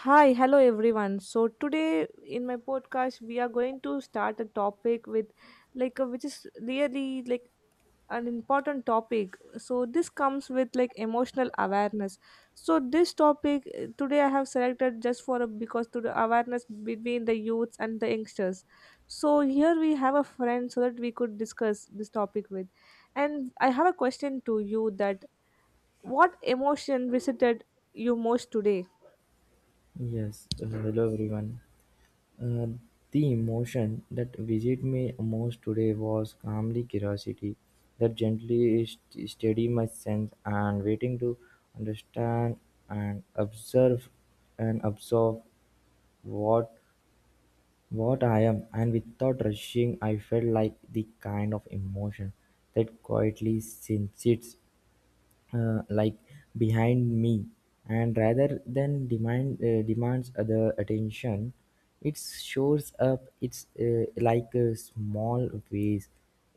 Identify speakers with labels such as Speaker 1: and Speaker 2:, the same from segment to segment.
Speaker 1: Hi, hello everyone. So today in my podcast we are going to start a topic with like which is really like an important topic. So this comes with like emotional awareness. So this topic today I have selected just for because to the awareness between the youths and the youngsters. So here we have a friend so that we could discuss this topic with. And I have a question to you that what emotion visited you most today?
Speaker 2: Yes, hello everyone. Uh, the emotion that visited me most today was calmly curiosity that gently steady my sense and waiting to understand and observe and absorb what what I am, and without rushing I felt like the kind of emotion that quietly sits, like, behind me, and rather than demand, demands other attention. It shows up, it's, like, a small ways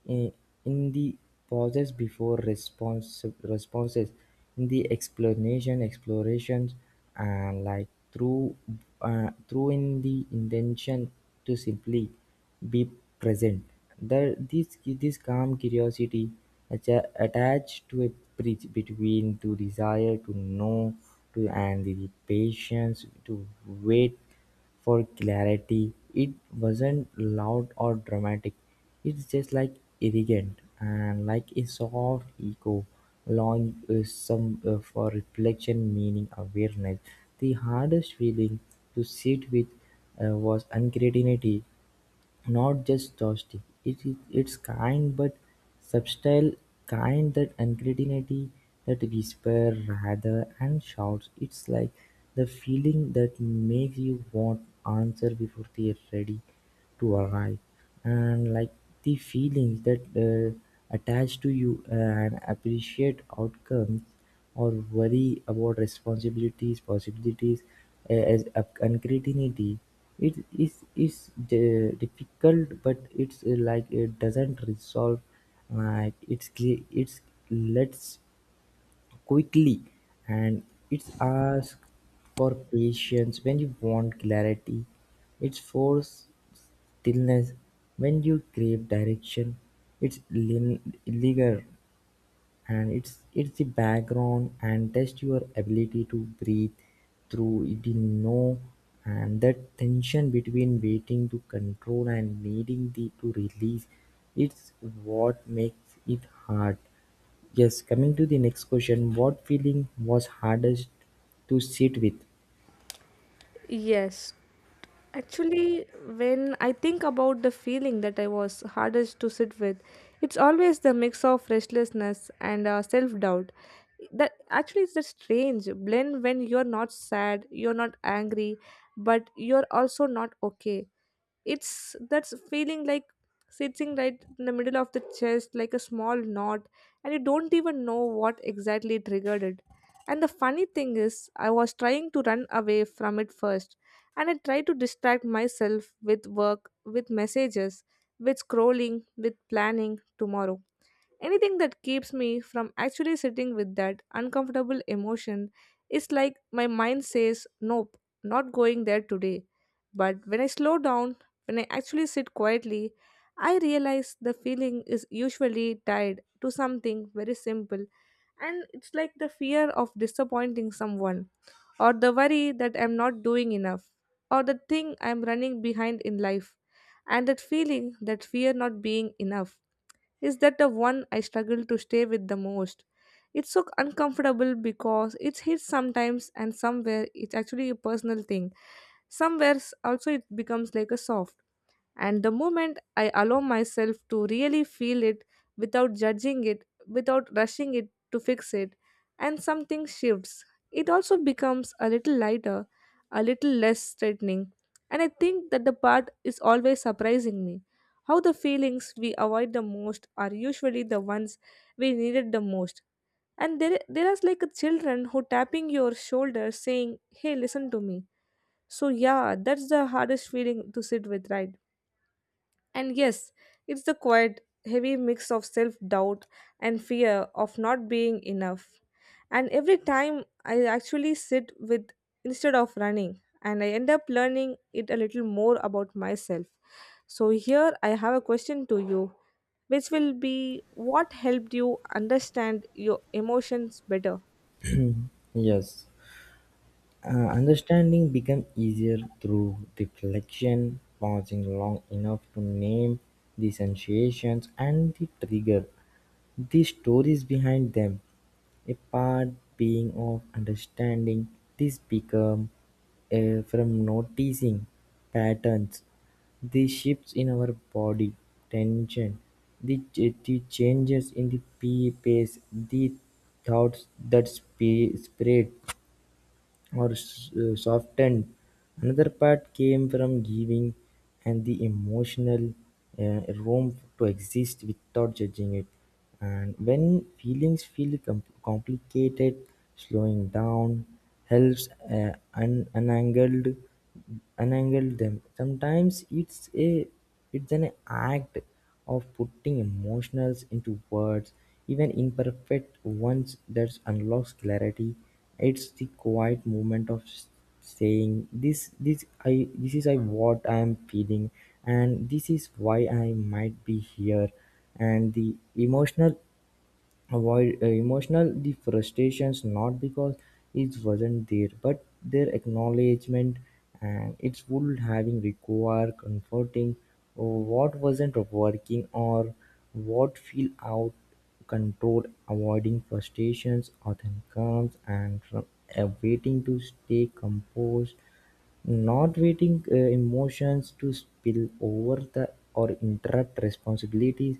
Speaker 2: in, in the pauses before responses, in the explanation explorations, and like through through in the intention to simply be present. The, this calm curiosity attached to a bridge between the desire to know to and the patience to wait for clarity. It wasn't loud or dramatic. It's just like irrigant and like a soft echo, long, some for reflection, meaning awareness. The hardest feeling to sit with, was uncertainty, not just toasty, it is its kind, but subtle kind that anxiety, that whisper rather and shouts. It's like the feeling that makes you want answer before they're ready to arrive. And like the feelings that attach to you and appreciate outcomes or worry about responsibilities, possibilities, as uncertainty. It is difficult, but it's, like, it doesn't resolve. Like it's let's quickly, and it's ask for patience when you want clarity. It's force stillness when you crave direction. Linger, and it's the background and test your ability to breathe through it in no, and that tension between waiting to control and needing the to release, it's what makes it hard. Yes, coming to the next question, what feeling was hardest to sit with?
Speaker 1: Yes, actually, when I think about the feeling that I was hardest to sit with, it's always the mix of restlessness and self doubt. That actually is a strange blend when you're not sad, you're not angry, but you're also not okay. It's that's feeling like sitting right in the middle of the chest like a small knot, and you don't even know what exactly triggered it. And the funny thing is I was trying to run away from it first, and I tried to distract myself with work, with messages, with scrolling, with planning tomorrow. Anything that keeps me from actually sitting with that uncomfortable emotion is like my mind says, "Nope, not going there today." But when I slow down, when I actually sit quietly, I realize the feeling is usually tied to something very simple, and it's like the fear of disappointing someone, or the worry that I'm not doing enough, or the thing I'm running behind in life, and that feeling, that fear not being enough is that the one I struggle to stay with the most. It's so uncomfortable because it hits sometimes and somewhere it's actually a personal thing. Somewhere also it becomes like a soft. And the moment I allow myself to really feel it without judging it, without rushing it to fix it, and something shifts, it also becomes a little lighter, a little less threatening. And I think that the part is always surprising me. How the feelings we avoid the most are usually the ones we needed the most. And there is like a children who tapping your shoulder saying, "Hey, listen to me." So, yeah, that's the hardest feeling to sit with, right? And yes, it's the quiet, heavy mix of self doubt and fear of not being enough. And every time I actually sit with instead of running, and I end up learning it a little more about myself. So, here I have a question to you, which will be what helped you understand your emotions better?
Speaker 2: Yes. Understanding becomes easier through reflection, pausing long enough to name the sensations and the trigger, the stories behind them. A part being of understanding this become, from noticing patterns, the shifts in our body, tension, the changes in the pace, the thoughts that spread or softened. Another part came from giving and the emotional, room to exist without judging it. And when feelings feel complicated, slowing down helps unangle them. Sometimes it's an act of putting emotions into words, even imperfect ones that unlocks clarity. It's the quiet moment of saying, this I this is I what I am feeling, and this is why I might be here. And the emotional, avoid, emotional the frustrations, not because it wasn't there, but their acknowledgement and its would having require comforting what wasn't working or what feel out control. Avoiding frustrations often comes and from awaiting to stay composed, not waiting, emotions to spill over the or interrupt responsibilities.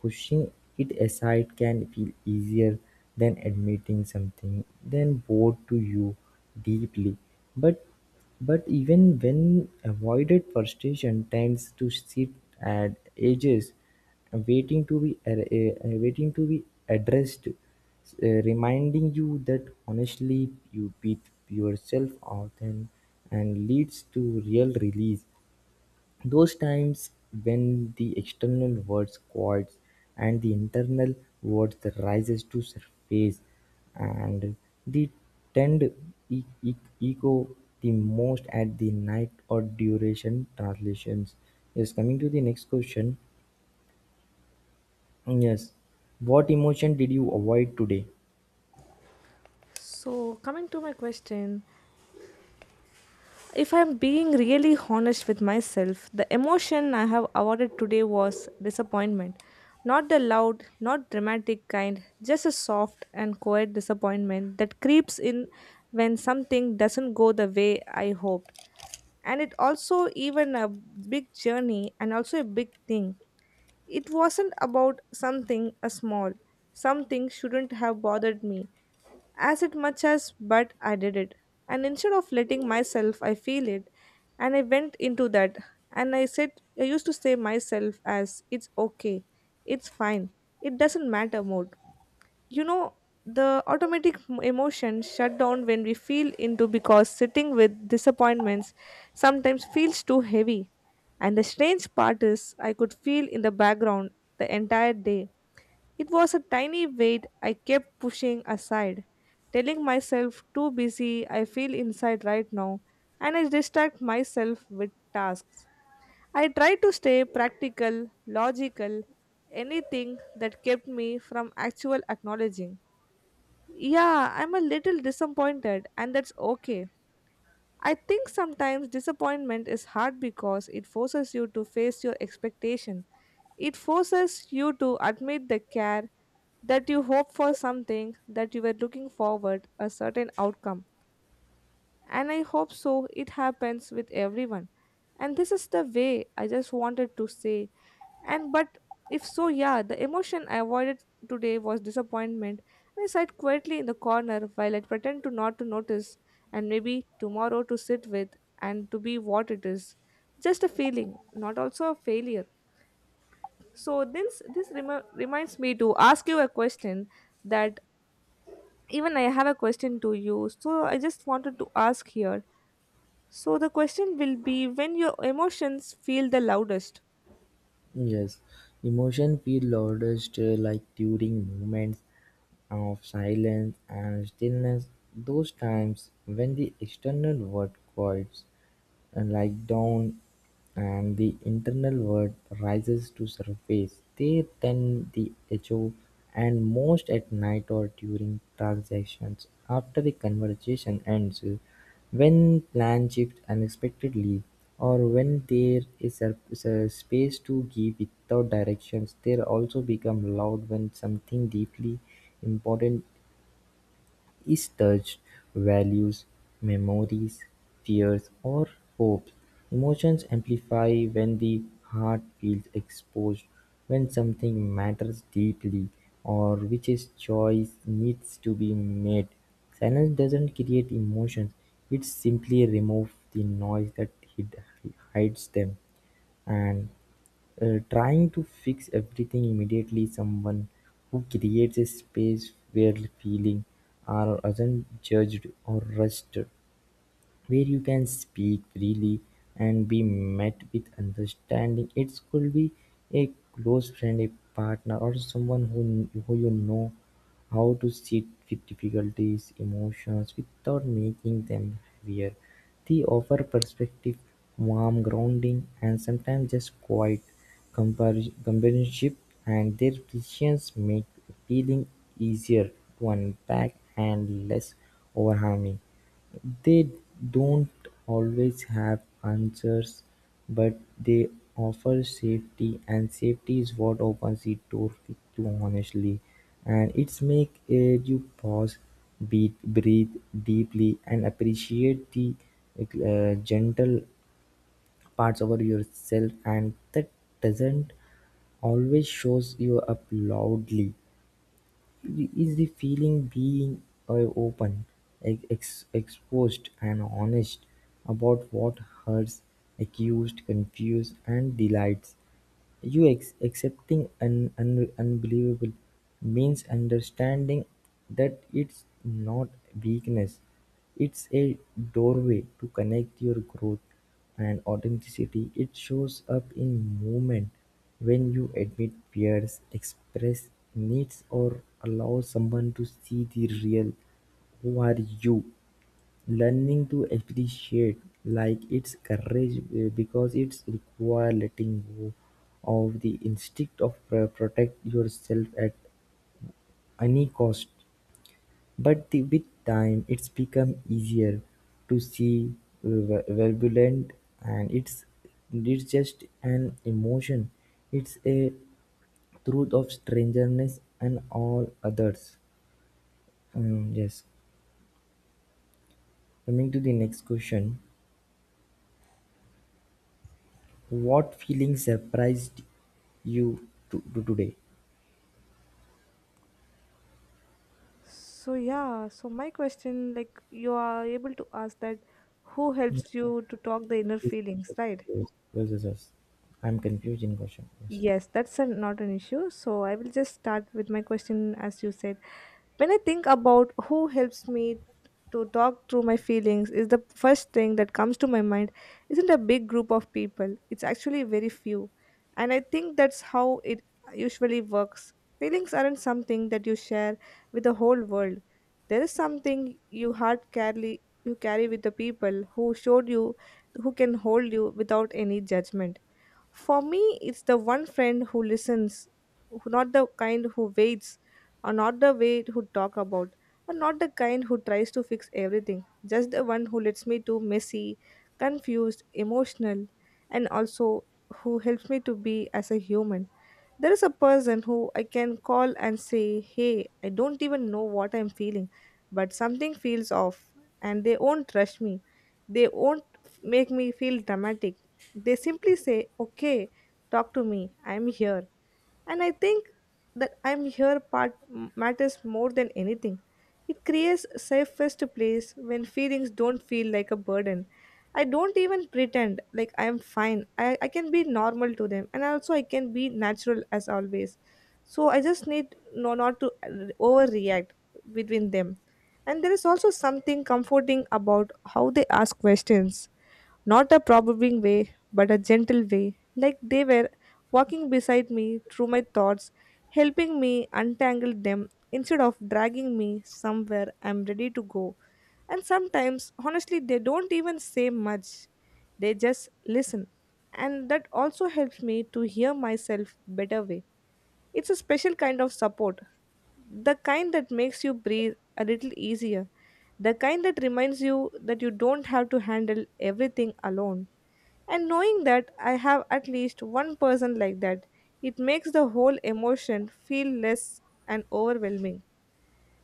Speaker 2: Pushing it aside can feel easier than admitting something then bored to you deeply. But but even when avoided, frustration tends to sit at edges waiting to be, waiting to be addressed, reminding you that honestly you beat yourself often and leads to real release. Those times when the external words quiets and the internal words rises to surface, and the tend e- e- echo the most at the night or duration translations. Yes, coming to the next question. Yes. What emotion did you avoid today?
Speaker 1: So, coming to my question, if I'm being really honest with myself, the emotion I have awarded today was disappointment. Not the loud, not dramatic kind, just a soft and quiet disappointment that creeps in when something doesn't go the way I hoped. And it also even a big journey and also a big thing, it wasn't about something a small. Something shouldn't have bothered me as it much as but I did it. And instead of letting myself I feel it, and I went into that, and I said, I used to say myself as it's okay, it's fine, it doesn't matter mode, you know, the automatic emotions shut down when we feel into because sitting with disappointments sometimes feels too heavy. And the strange part is I could feel in the background the entire day, it was a tiny weight I kept pushing aside, telling myself too busy I feel inside right now, and I distract myself with tasks, I try to stay practical logical, anything that kept me from actual acknowledging, yeah, I'm a little disappointed, and that's okay. I think sometimes disappointment is hard because it forces you to face your expectation. It forces you to admit the care that you hope for something, that you were looking forward a certain outcome, and I hope so it happens with everyone. And this is the way I just wanted to say. And but if so, yeah, the emotion I avoided today was disappointment. And I sat quietly in the corner while I pretend to not to notice, and maybe tomorrow to sit with and to be what it is. Just a feeling, not also a failure. So this reminds me to ask you a question that even I have a question to you. So I just wanted to ask here, so the question will be when your emotions feel the loudest.
Speaker 2: Yes. Emotion feel loudest, like during moments of silence and stillness, those times when the external world quiets. Like-down, and the internal word rises to surface. They then the echo and most at night or during transactions after the conversation ends, when plan shifts unexpectedly, or when there is a space to give without directions. They also become loud when something deeply important is touched: values, memories, fears, or hopes. Emotions amplify when the heart feels exposed, when something matters deeply, or which is choice needs to be made. Silence doesn't create emotions, it simply removes the noise that hid- hides them. And, trying to fix everything immediately, someone who creates a space where feeling are aren't judged or rushed, where you can speak freely and be met with understanding. It could be a close friend, a partner, or someone who you know how to sit with difficulties, emotions without making them heavier. They offer perspective, warm grounding, and sometimes just quiet companionship, and their decisions make feeling easier to unpack and less overwhelming. They don't always have answers, but they offer safety, and safety is what opens the door to honestly. And it's make, eh, you pause, beat, breathe deeply, and appreciate the, eh, gentle parts about yourself, and that doesn't always shows you up loudly, is the feeling being, open, exposed, and honest about what hurts, accused, confused, and delights. You accepting an unbelievable means understanding that it's not weakness, it's a doorway to connect your growth and authenticity. It shows up in movement when you admit fears, express needs, or allow someone to see the real who are you. Learning to appreciate like its courage, because it's require letting go of the instinct of, protect yourself at any cost. But the, with time, it's become easier to see, turbulent, and it's just an emotion. It's a truth of strangeness and all others. Yes. Coming to the next question. What feeling surprised you to today?
Speaker 1: So yeah, so my question like you are able to ask that, who
Speaker 2: Yeah,
Speaker 1: helps you to talk the inner
Speaker 2: yes,
Speaker 1: feelings,
Speaker 2: yes,
Speaker 1: right?
Speaker 2: yes, yes, yes. I'm confused in question. Yes.
Speaker 1: Yes, that's a, not an issue. So I will just start with my question as you said. When I think about who helps me to talk through my feelings is the first thing that comes to my mind isn't a big group of people. It's actually very few. And I think that's how it usually works. Feelings aren't something that you share with the whole world. There is something you heart carry, you carry with the people who showed you, who can hold you without any judgment. For me, it's the one friend who listens, who not the kind who waits, or not the way who talk about, or not the kind who tries to fix everything. Just the one who lets me to messy, confused, emotional, and also who helps me to be as a human. There is a person who I can call and say, "Hey, I don't even know what I'm feeling, but something feels off," and they won't rush me. They won't make me feel dramatic. They simply say, "Okay, talk to me, I'm here," and I think that "I'm here" part matters more than anything. It creates a safest place when feelings don't feel like a burden. I don't even pretend like I'm fine. I can be normal to them, and also I can be natural as always. So I just need no not to overreact between them. And there is also something comforting about how they ask questions, not a probing way, but a gentle way, like they were walking beside me through my thoughts, helping me untangle them instead of dragging me somewhere I'm ready to go. And sometimes, honestly, they don't even say much, they just listen. And that also helps me to hear myself better way. It's a special kind of support, the kind that makes you breathe a little easier, the kind that reminds you that you don't have to handle everything alone. And knowing that I have at least one person like that, it makes the whole emotion feel less and overwhelming.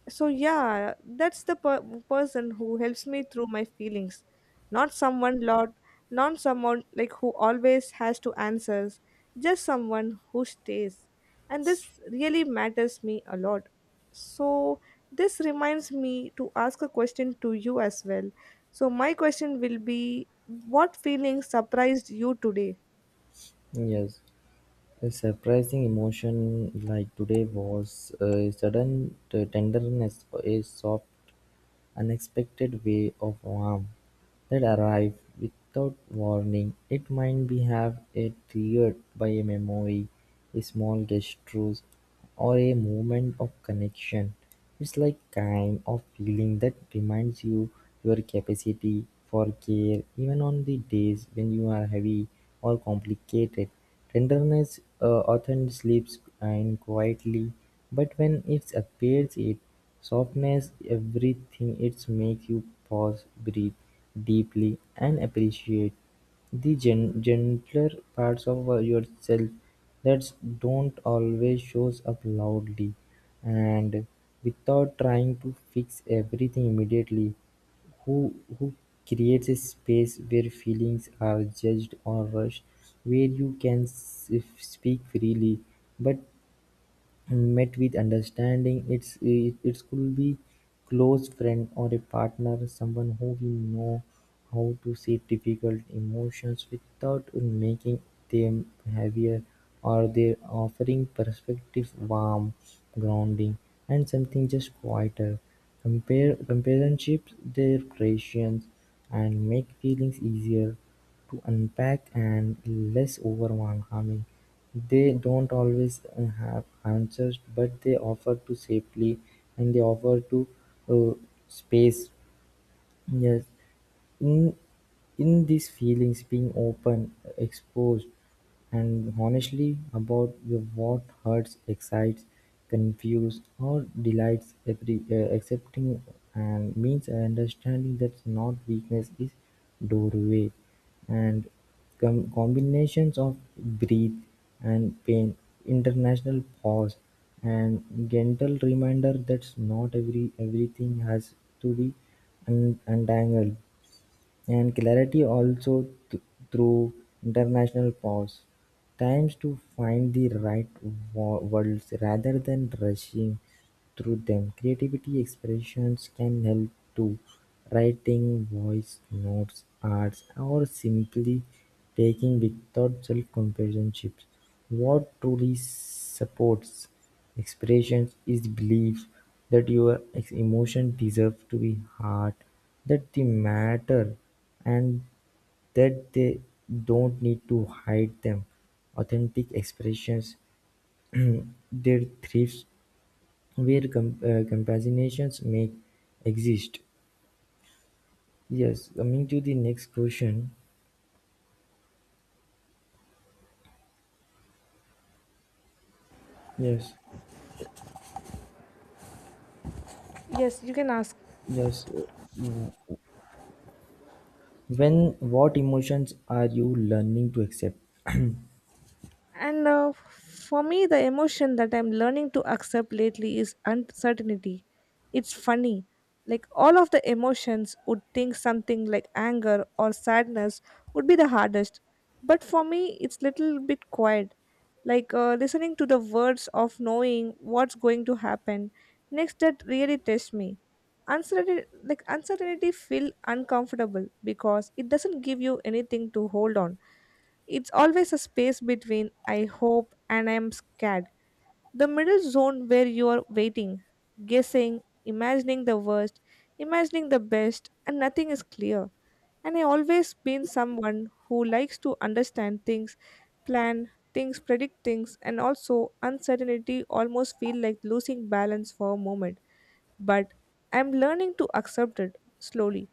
Speaker 1: So yeah, that's the person who helps me through my feelings, not someone lot, not someone like who always has to answers, just someone who stays. And this really matters me a lot. So this reminds me to ask a question to you as well. So my question will be what feelings surprised you today?
Speaker 2: Yes, a surprising emotion like today was a sudden tenderness for a soft unexpected wave of warmth that arrive without warning. It might be have a triggered by a memory, a small gesture, or a moment of connection. It's like kind of feeling that reminds you your capacity for care even on the days when you are heavy or complicated. Tenderness, often sleeps in quietly, but when it appears it softness everything. It makes you pause, breathe deeply, and appreciate the gentler parts of, yourself that don't always show up loudly. And without trying to fix everything immediately, who creates a space where feelings are judged or rushed, where you can speak freely, but and met with understanding. It it could be close friend or a partner, someone who we know how to sit difficult emotions without making them heavier, or they offering perspective, warm, grounding, and something just quieter. Compare Comparationships, their creations and make feelings easier to unpack and less overwhelming. They don't always, have answers, but they offer to safely, and they offer to, uh, space. Yes, in in these feelings being open exposed and honestly about your what hurts, excites, confuses, or delights. Every, accepting and means understanding that's not weakness is doorway, and combinations of breathe and pain, international pause, and gentle reminder that's not everything has to be untangled, and clarity also through international pause, times to find the right words rather than rushing through them. Creativity expressions can help to writing voice notes, arts, or simply taking without self-companionship. What truly supports expressions is belief that your emotion deserve to be heard, that they matter, and that they don't need to hide them. Authentic expressions their thrives where compassionations make exist. Yes, coming to the next question. Yes.
Speaker 1: Yes, you can ask.
Speaker 2: yes. When what emotions are you learning to accept?
Speaker 1: And for me, the emotion that I'm learning to accept lately is uncertainty. It's funny. Like all of the emotions would think something like anger or sadness would be the hardest. But for me, it's little bit quiet. Like listening to the words of knowing what's going to happen next that really tests me. Uncertainty, like uncertainty feel uncomfortable because it doesn't give you anything to hold on, it's always a space between I hope and I'm scared. The middle zone where you are waiting, guessing, imagining the worst, imagining the best, and nothing is clear. And I always been someone who likes to understand things, plan things, predict things, and also uncertainty almost feel like losing balance for a moment. But I'm learning to accept it slowly,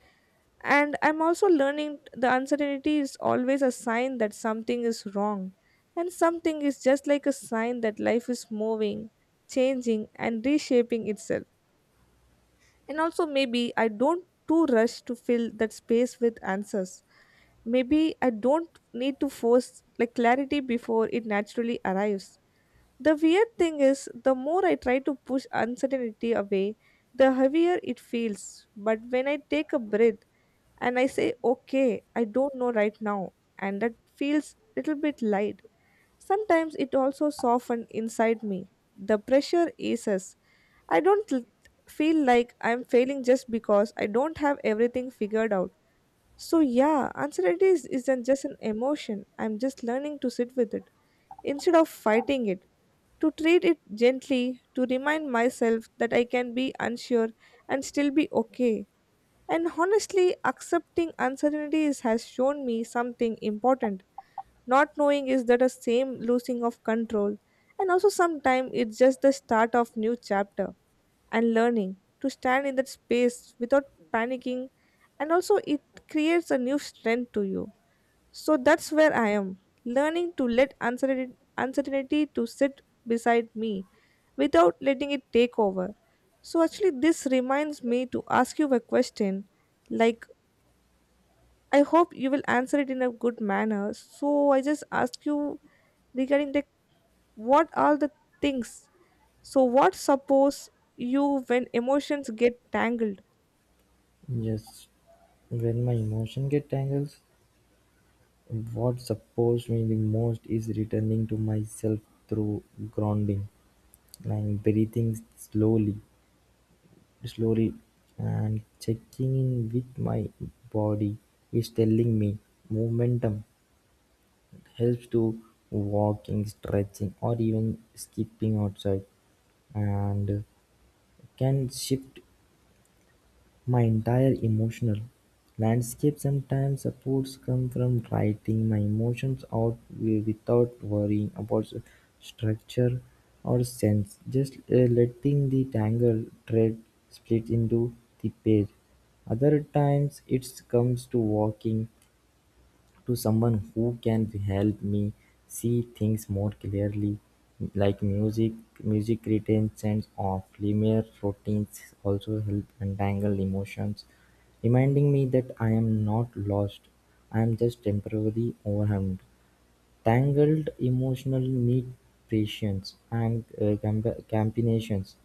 Speaker 1: and I'm also learning the uncertainty is always a sign that something is wrong. And something is just like a sign that life is moving, changing, and reshaping itself. And also, maybe I don't too rush to fill that space with answers. Maybe I don't need to force like clarity before it naturally arrives. The weird thing is, the more I try to push uncertainty away, the heavier it feels. But when I take a breath, and I say, okay, I don't know right now, and that feels little bit light. Sometimes it also softens inside me. The pressure eases. I don't feel like I'm failing just because I don't have everything figured out. So, yeah, uncertainty isn't just an emotion. I'm just learning to sit with it instead of fighting it, to treat it gently, to remind myself that I can be unsure and still be okay. And honestly, accepting uncertainty has shown me something important. Not knowing is that a same losing of control, and also sometimes it's just the start of new chapter and learning to stand in that space without panicking, and also it creates a new strength to you. So that's where I am learning to let uncertainty to sit beside me without letting it take over. So actually, this reminds me to ask you a question, like I hope you will answer it in a good manner. So I just ask you regarding the what are the things. So what suppose you when emotions get tangled?
Speaker 2: Yes, when my emotion get tangles, what supports me the most is returning to myself through grounding and breathing slowly, and checking in with my body is telling me momentum. It helps to walking, stretching, or even skipping outside, and can shift my entire emotional landscape. Sometimes supports come from writing my emotions out without worrying about structure or sense, just, letting the tangled thread split into the page. Other times it comes to walking to someone who can help me see things more clearly, like music. Music retentions of linear routines also help untangle emotions, reminding me that I am not lost, I am just temporarily overwhelmed. Tangled emotions need patience and, combinations,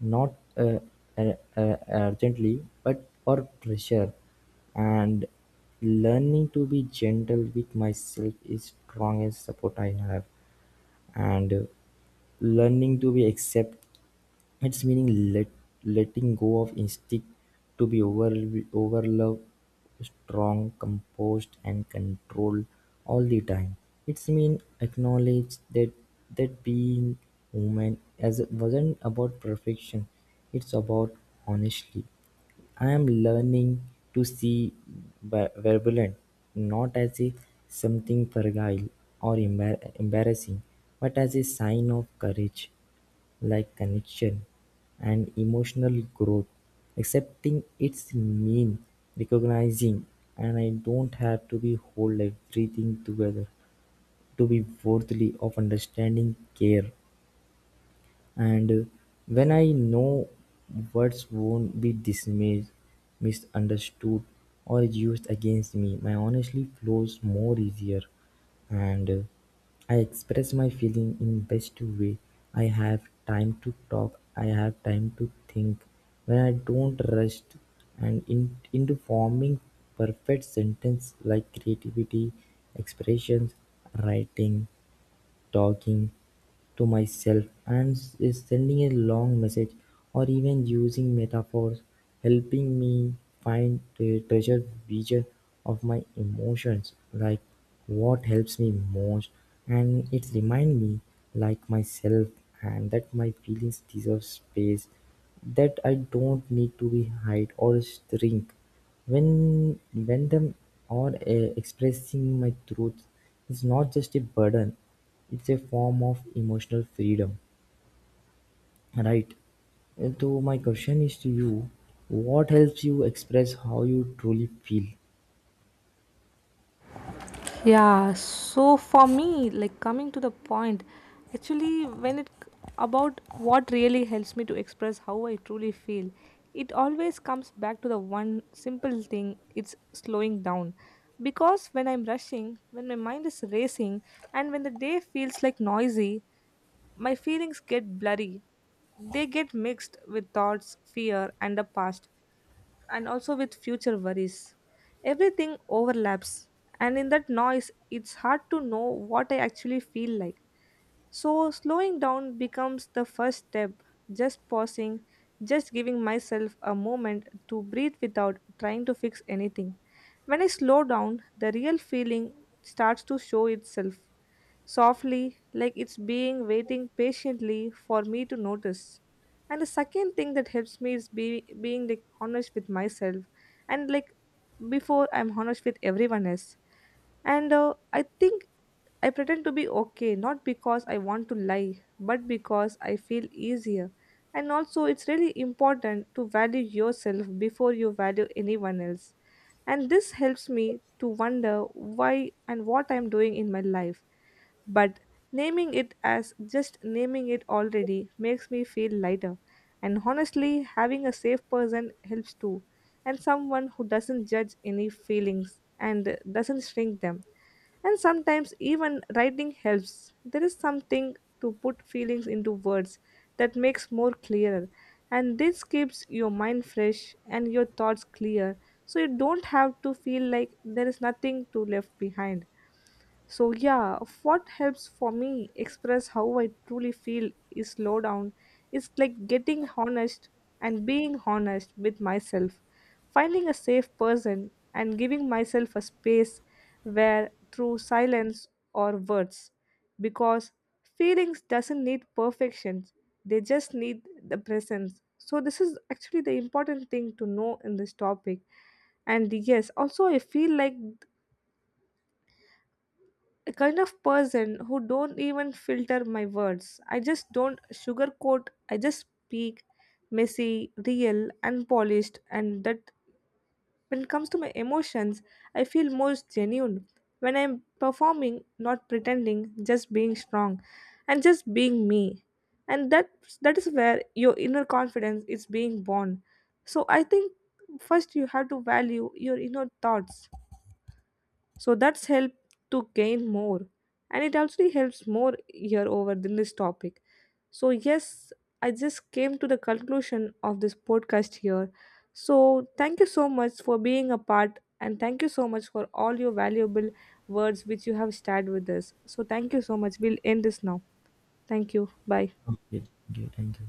Speaker 2: not, urgently, but or pressure, and learning to be gentle with myself is strongest support I have. And, learning to be accept its meaning letting go of instinct to be over, overlove, strong, composed and controlled all the time. Its mean acknowledge that being human as it wasn't about perfection, it's about honestly. I am learning to see, Verbulent, not as a something fragile or embarrassing, but as a sign of courage, like connection and emotional growth. Accepting its mean recognizing and I don't have to be whole everything together to be worthy of understanding care. And, when I know words won't be dismissed, misunderstood, or used against me, my honestly flows more easier. And, I express my feeling in best way. I have time to talk. I have time to think. When I don't rush and into forming perfect sentence, like creativity, expressions, writing, talking to myself and is sending a long message, or even using metaphors, helping me find the treasure vision of my emotions, like what helps me most. And it reminds me, like myself, and that my feelings deserve space, that I don't need to be hide or shrink. When them are expressing my truth, is not just a burden, it's a form of emotional freedom. Right. And so my question is to you, what helps you express how you truly feel?
Speaker 1: Yeah, so for me, like coming to the point, actually, when it about what really helps me to express how I truly feel, it always comes back to the one simple thing it's slowing down. Because when I'm rushing, when my mind is racing, and when the day feels like noisy, my feelings get blurry. They get mixed with thoughts, fear, and the past, and also with future worries. Everything overlaps, and in that noise, it's hard to know what I actually feel like. So, slowing down becomes the first step, just pausing, just giving myself a moment to breathe without trying to fix anything. When I slow down, the real feeling starts to show itself softly, like it's being waiting patiently for me to notice. And the second thing that helps me is being like honest with myself and before I'm honest with everyone else. And I think I pretend to be okay, not because I want to lie, but because I feel easier. And also, it's really important to value yourself before you value anyone else. And this helps me to wonder why and what I'm doing in my life. But naming it as just naming it already makes me feel lighter. And honestly, having a safe person helps too. And someone who doesn't judge any feelings and doesn't shrink them, and sometimes even writing helps. There is something to put feelings into words that makes more clearer, and this keeps your mind fresh and your thoughts clear so you don't have to feel like there is nothing to left behind. So, yeah, what helps for me express how I truly feel is slow down. It's like getting honest and being honest with myself, finding a safe person, and giving myself a space where through silence or words. Because feelings doesn't need perfection, they just need the presence. So, this is actually the important thing to know in this topic, and yes, also I feel like a kind of person who don't even filter my words. I just don't sugarcoat, I just speak messy, real, unpolished, and that when it comes to my emotions, I feel most genuine when I'm performing, not pretending, just being strong and just being me, and that is where your inner confidence is being born. So I think first you have to value your inner thoughts, so that's help to gain more, and it actually helps more here over than this topic. So yes, I just came to the conclusion of this podcast here. So thank you so much for being a part, and thank you so much for all your valuable words which you have shared with us. So thank you so much, we'll end this now. Thank you, bye.
Speaker 2: Okay, okay, thank you.